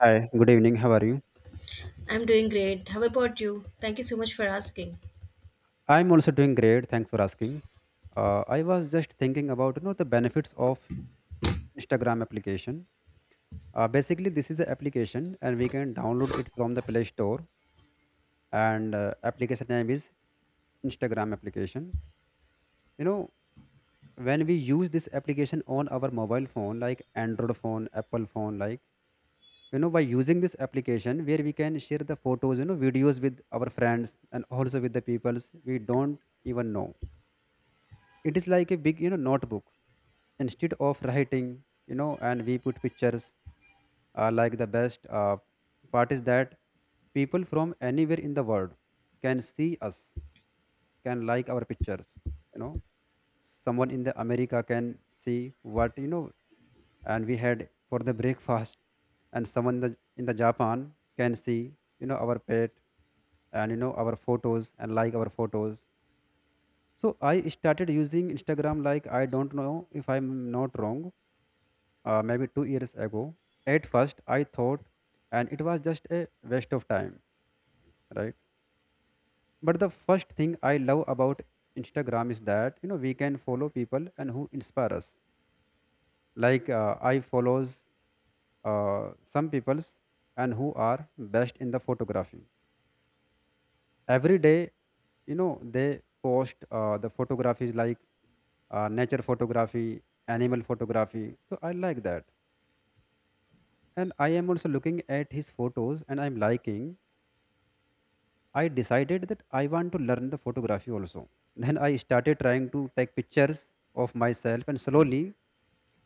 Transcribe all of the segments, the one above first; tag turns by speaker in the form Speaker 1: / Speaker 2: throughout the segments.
Speaker 1: Hi, good evening. How are you?
Speaker 2: I'm doing great. How about you? Thank you so much for asking.
Speaker 1: I'm also doing great. Thanks for asking. I was just thinking about the benefits of Instagram application. Basically, this is an application, and we can download it from the Play Store. And application name is Instagram application. You know when we use this application on our mobile phone, like Android phone, Apple phone, like by using this application where we can share the photos, videos with our friends and also with the peoples we don't even know. It is like a big, notebook. Instead of writing, and we put pictures. Like the best part is that people from anywhere in the world can see us, can like our pictures. You know, someone in the America can see what and we had for the breakfast, and someone in the Japan can see our pet and our photos and like our photos. So I started using Instagram like I don't know if I'm not wrong, maybe 2 years ago. At first, I thought, and it was just a waste of time, right? But the first thing I love about Instagram is that we can follow people and who inspire us. Like I follows some people's and who are best in the photography. Every day, they post the photographies like nature photography, animal photography. So I like that, and I am also looking at his photos and I'm liking. I decided that I want to learn the photography also. Then I started trying to take pictures of myself and slowly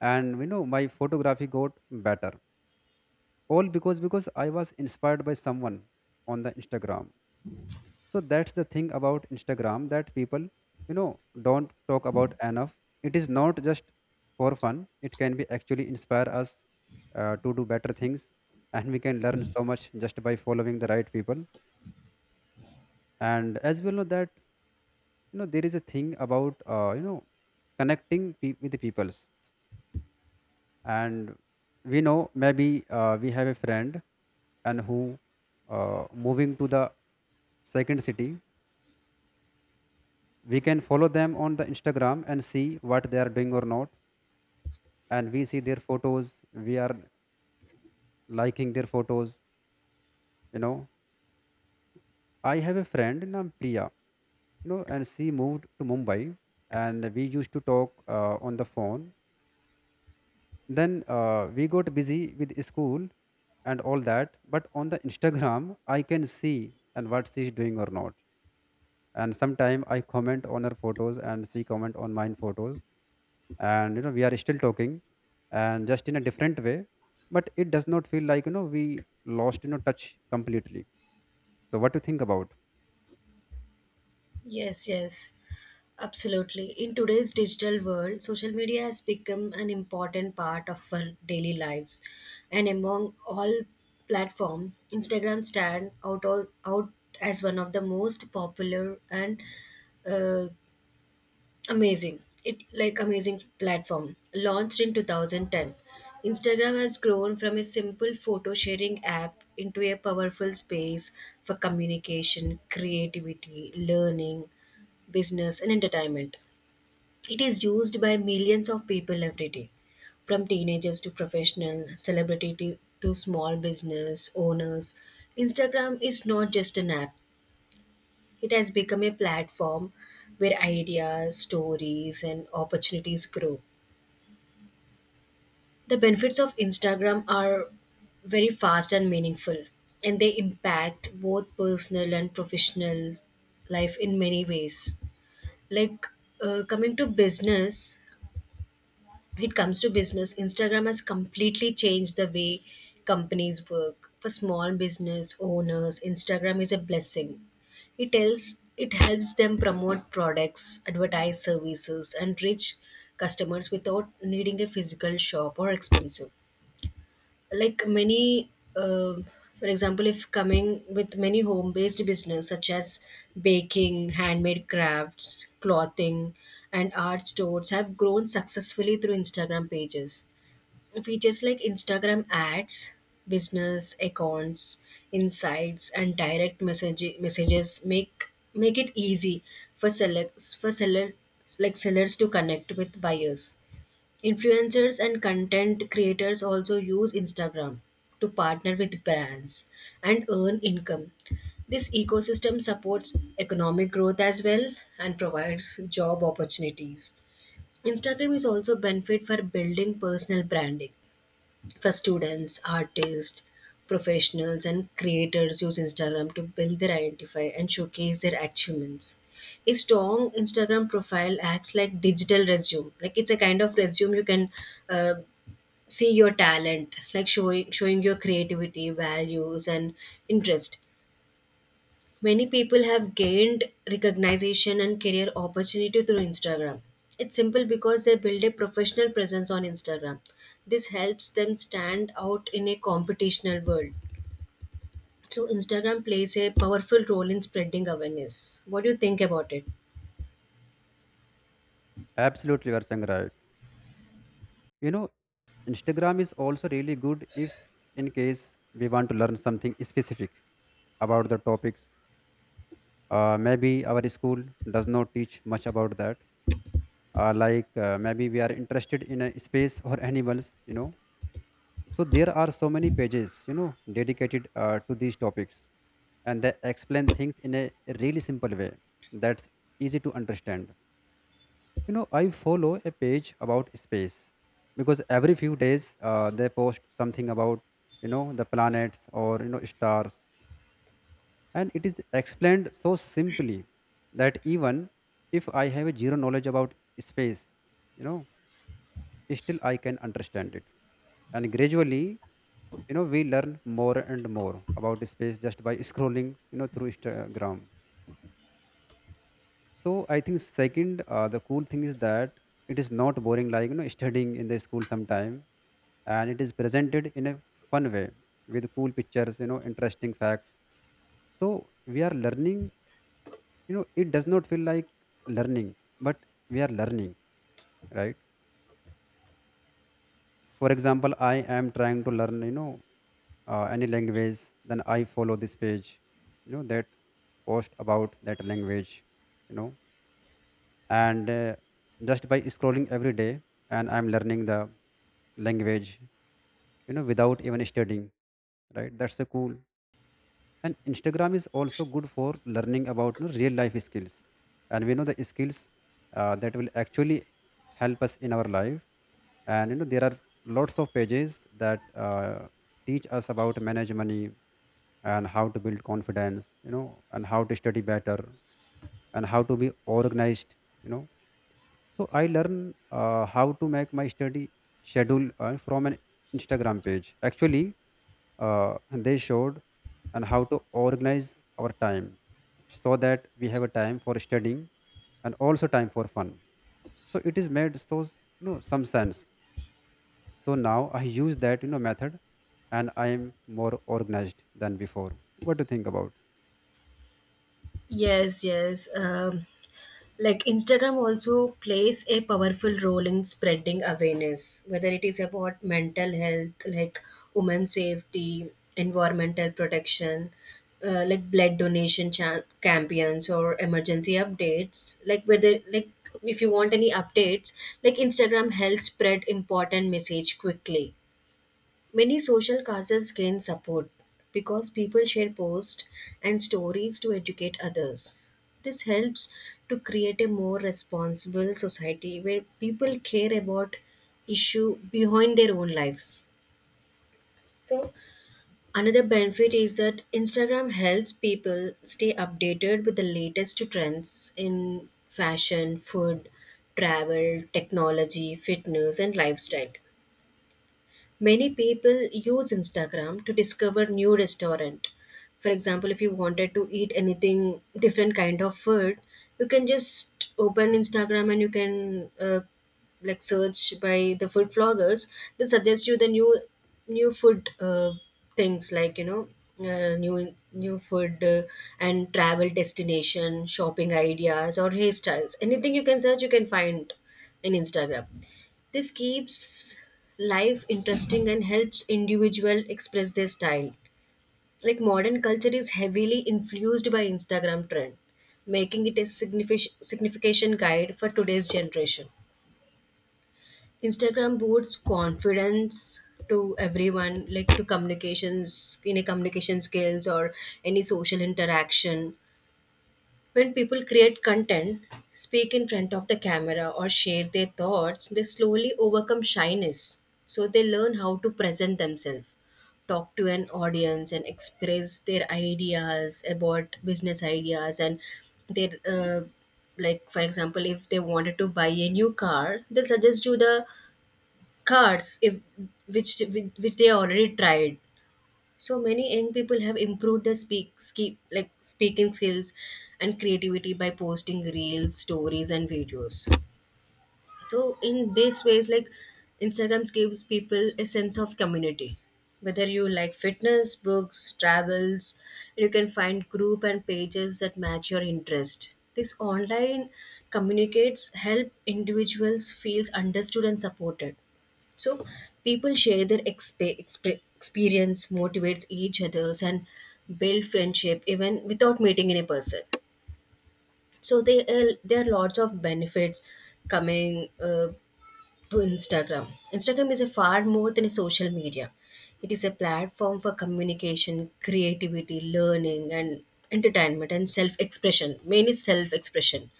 Speaker 1: and my photography got better. All because I was inspired by someone on the Instagram. So that's the thing about Instagram that people don't talk about enough. It is not just for fun. It can be actually inspire us to do better things, and we can learn so much just by following the right people. And as we all know that there is a thing about connecting with the peoples. And we know maybe we have a friend and who moving to the second city, we can follow them on the Instagram and see what they are doing or not, and we see their photos, we are liking their photos. You know I have a friend named Priya, and she moved to Mumbai, and we used to talk on the phone. Then we got busy with school and all that, but on the Instagram I can see and what she's doing or not, and sometime I comment on her photos and she comment on mine photos, and we are still talking, and just in a different way. But it does not feel like we lost touch completely. So what do you think about?
Speaker 2: Yes, yes, absolutely. In today's digital world, social media has become an important part of our daily lives. And among all platforms, Instagram stand out, all, out as one of the most popular and uh, amazing. It like amazing platform. Launched in 2010, Instagram has grown from a simple photo sharing app into a powerful space for communication, creativity, learning, business and entertainment. It is used by millions of people every day, from teenagers to professional, celebrity to small business owners. Instagram is not just an app. It has become a platform where ideas, stories, and opportunities grow. The benefits of Instagram are very fast and meaningful, and they impact both personal and professional life in many ways. Like uh, coming to business, it comes to business, Instagram has completely changed the way companies work. For small business owners, Instagram is a blessing. It tells it helps them promote products, advertise services, and reach customers without needing a physical shop or expensive like many uh, for example, if coming with many home based business such as baking, handmade crafts, clothing and art stores have grown successfully through Instagram pages. Features like Instagram ads, business accounts, insights and direct message messages make it easy for sellers like sellers to connect with buyers. Influencers and content creators also use Instagram to partner with brands and earn income. This ecosystem supports economic growth as well and provides job opportunities. Instagram is also benefit for building personal branding for students, artists, professionals, and creators use Instagram to build their identify and showcase their achievements. A strong Instagram profile acts like digital resume. Like it's a kind of resume you can uh, see your talent, like showing your creativity, values, and interest. Many people have gained recognition and career opportunity through Instagram. It's simple because they build a professional presence on Instagram. This helps them stand out in a competitional world. So Instagram plays a powerful role in spreading awareness. What do you think about it?
Speaker 1: Absolutely, you are saying right. you know Instagram is also really good if in case we want to learn something specific about the topics. Maybe our school does not teach much about that. Maybe we are interested in a space or animals. So there are so many pages dedicated to these topics, and they explain things in a really simple way that's easy to understand. I follow a page about space, because every few days they post something about the planets or stars, and it is explained so simply that even if I have a zero knowledge about space, you know still I can understand it, and gradually we learn more and more about space just by scrolling through Instagram. So I think, second, the cool thing is that it is not boring like studying in the school sometime, and it is presented in a fun way with cool pictures, interesting facts. So we are learning. It does not feel like learning, but we are learning, right? For example, I am trying to learn, any language, then I follow this page that post about that language. You know and just by scrolling every day, and I'm learning the language without even studying. Right, that's so cool. And Instagram is also good for learning about, you know, real life skills, and we know the skills that will actually help us in our life. And there are lots of pages that teach us about manage money, and how to build confidence, and how to study better, and how to be organized. you know so I learn how to make my study schedule from an Instagram page actually. They showed and how to organize our time so that we have a time for studying and also time for fun. So it is made so some sense. So now I use that, method, and I am more organized than before. What do you think about?
Speaker 2: Yes, yes. Like Instagram also plays a powerful role in spreading awareness, whether it is about mental health, like women's safety, environmental protection, like blood donation campaigns or emergency updates. Like whether like if you want any updates, like Instagram helps spread important message quickly. Many social causes gain support because people share posts and stories to educate others. This helps to create a more responsible society where people care about issue behind their own lives. So another benefit is that Instagram helps people stay updated with the latest trends in fashion, food, travel, technology, fitness and lifestyle. Many people use Instagram to discover new restaurant. For example, if you wanted to eat anything different kind of food, you can just open Instagram and you can like search by the food vloggers. They suggest you the new new food things like you know new new food and travel destination, shopping ideas or hairstyles. Anything you can search, you can find in Instagram. This keeps life interesting and helps individual express their style. Like modern culture is heavily influenced by Instagram trend, making it a signification guide for today's generation. Instagram boosts confidence to everyone, like to communications, in a communication skills or any social interaction. When people create content, speak in front of the camera, or share their thoughts, they slowly overcome shyness. So they learn how to present themselves, talk to an audience, and express their ideas about business ideas and their. Like for example, if they wanted to buy a new car, they'll suggest you the cars if which which they already tried. So many young people have improved their speak, ski like speaking skills and creativity by posting reels, stories and videos. So in these ways, like Instagrams gives people a sense of community. Whether you like fitness, books, travels, you can find group and pages that match your interest. This online communicates help individuals feels understood and supported. So people share their experience, motivates each others and build friendship even without meeting in a person. So they there are lots of benefits coming to Instagram. Instagram is a far more than a social media. It is a platform for communication, creativity, learning, and entertainment and self-expression. Mainly self-expression.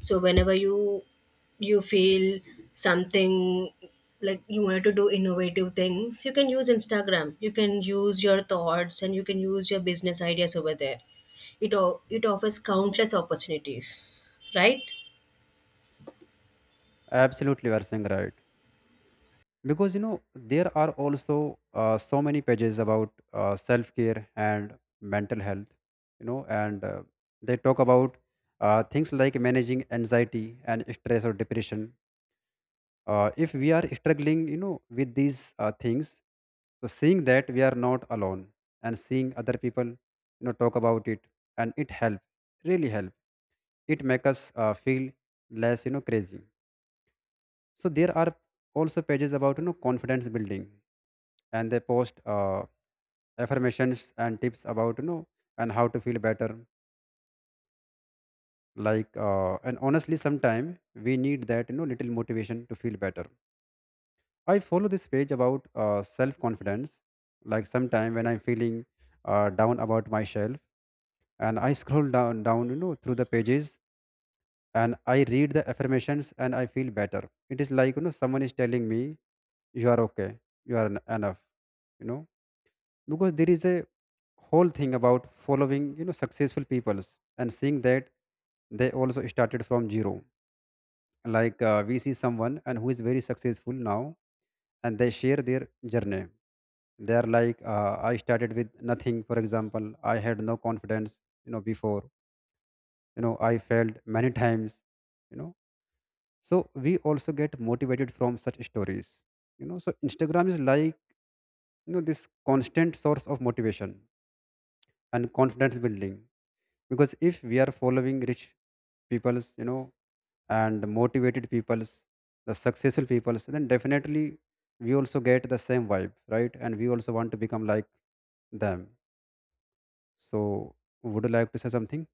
Speaker 2: So whenever you feel something like you wanted to do innovative things, you can use Instagram. You can use your thoughts and you can use your business ideas over there. It it offers countless opportunities, right?
Speaker 1: Absolutely, you are saying right. Because there are also so many pages about self care and mental health, you know and they talk about things like managing anxiety and stress or depression. If we are struggling, with these things, so seeing that we are not alone, and seeing other people talk about it, and it help, really help, it make us feel less, crazy. So there are also pages about, confidence building, and they post affirmations and tips about and how to feel better. Like and honestly sometime we need that, little motivation to feel better. I follow this page about self confidence. Like sometime when I'm feeling down about myself, and I scroll down, down, through the pages, and I read the affirmations, and I feel better. It is like, someone is telling me, "You are okay. You are enough." You know, because there is a whole thing about following, successful peoples, and seeing that they also started from zero. Like we see someone and who is very successful now, and they share their journey. They are like, I started with nothing. For example, I had no confidence before. I failed many times. you know so we also get motivated from such stories. So Instagram is like, this constant source of motivation and confidence building. Because if we are following rich people's, and motivated people's, the successful people's, then definitely we also get the same vibe, right? And we also want to become like them. So, would you like to say something?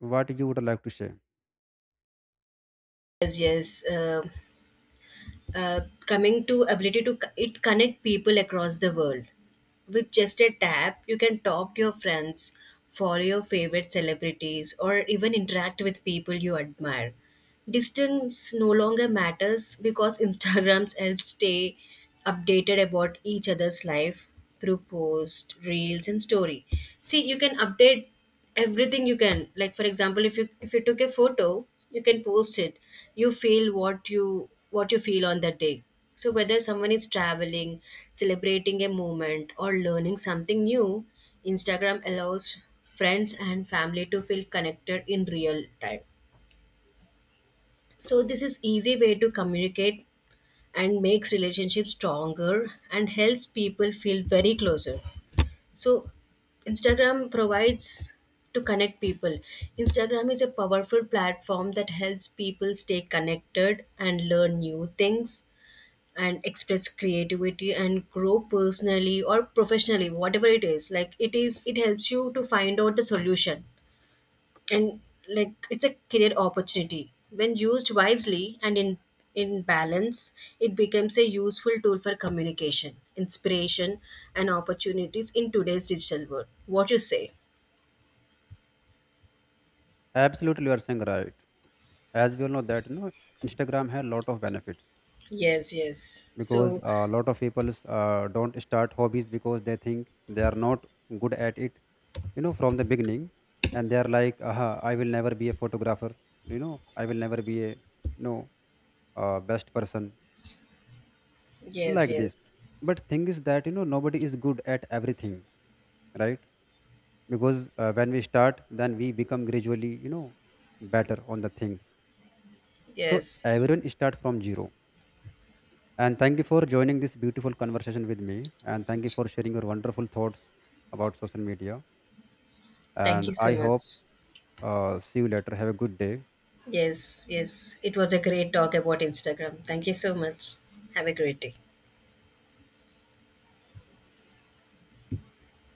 Speaker 1: What you would like to say?
Speaker 2: Yes, yes. Uh, Coming to ability to it connect people across the world. With just a tap you can talk to your friends, follow your favorite celebrities or even interact with people you admire. Distance no longer matters because Instagrams help stay updated about each other's life through post, reels and story. See, you can update everything you can. Like for example, if you took a photo, you can post it. You feel what you feel on that day. So whether someone is traveling, celebrating a moment or learning something new, Instagram allows friends and family to feel connected in real time. So this is easy way to communicate and makes relationships stronger and helps people feel very closer. So Instagram provides to connect people. Instagram is a powerful platform that helps people stay connected and learn new things and express creativity and grow personally or professionally, whatever it is. Like it is, it helps you to find out the solution, and like it's a career opportunity when used wisely and in balance it becomes a useful tool for communication, inspiration and opportunities in today's digital world. What you say?
Speaker 1: Absolutely, you are saying right. As we all know that, Instagram has a lot of benefits,
Speaker 2: yes yes
Speaker 1: because
Speaker 2: so
Speaker 1: a lot of people don't start hobbies because they think they are not good at it. You know, from the beginning, and they are like, "Aha, I will never be a photographer." You know, I will never be a know best person
Speaker 2: yes
Speaker 1: like this.
Speaker 2: yes
Speaker 1: But thing is that nobody is good at everything, right? Because when we start then we become gradually, better on the things. So
Speaker 2: yes
Speaker 1: everyone start from zero. And thank you for joining this beautiful conversation with me, and thank you for sharing your wonderful thoughts about social media.
Speaker 2: thank
Speaker 1: And
Speaker 2: you
Speaker 1: I
Speaker 2: so
Speaker 1: hope,
Speaker 2: much.
Speaker 1: see you later. Have a good day.
Speaker 2: Yes, yes, it was a great talk about Instagram. Thank you so much. Have a great day.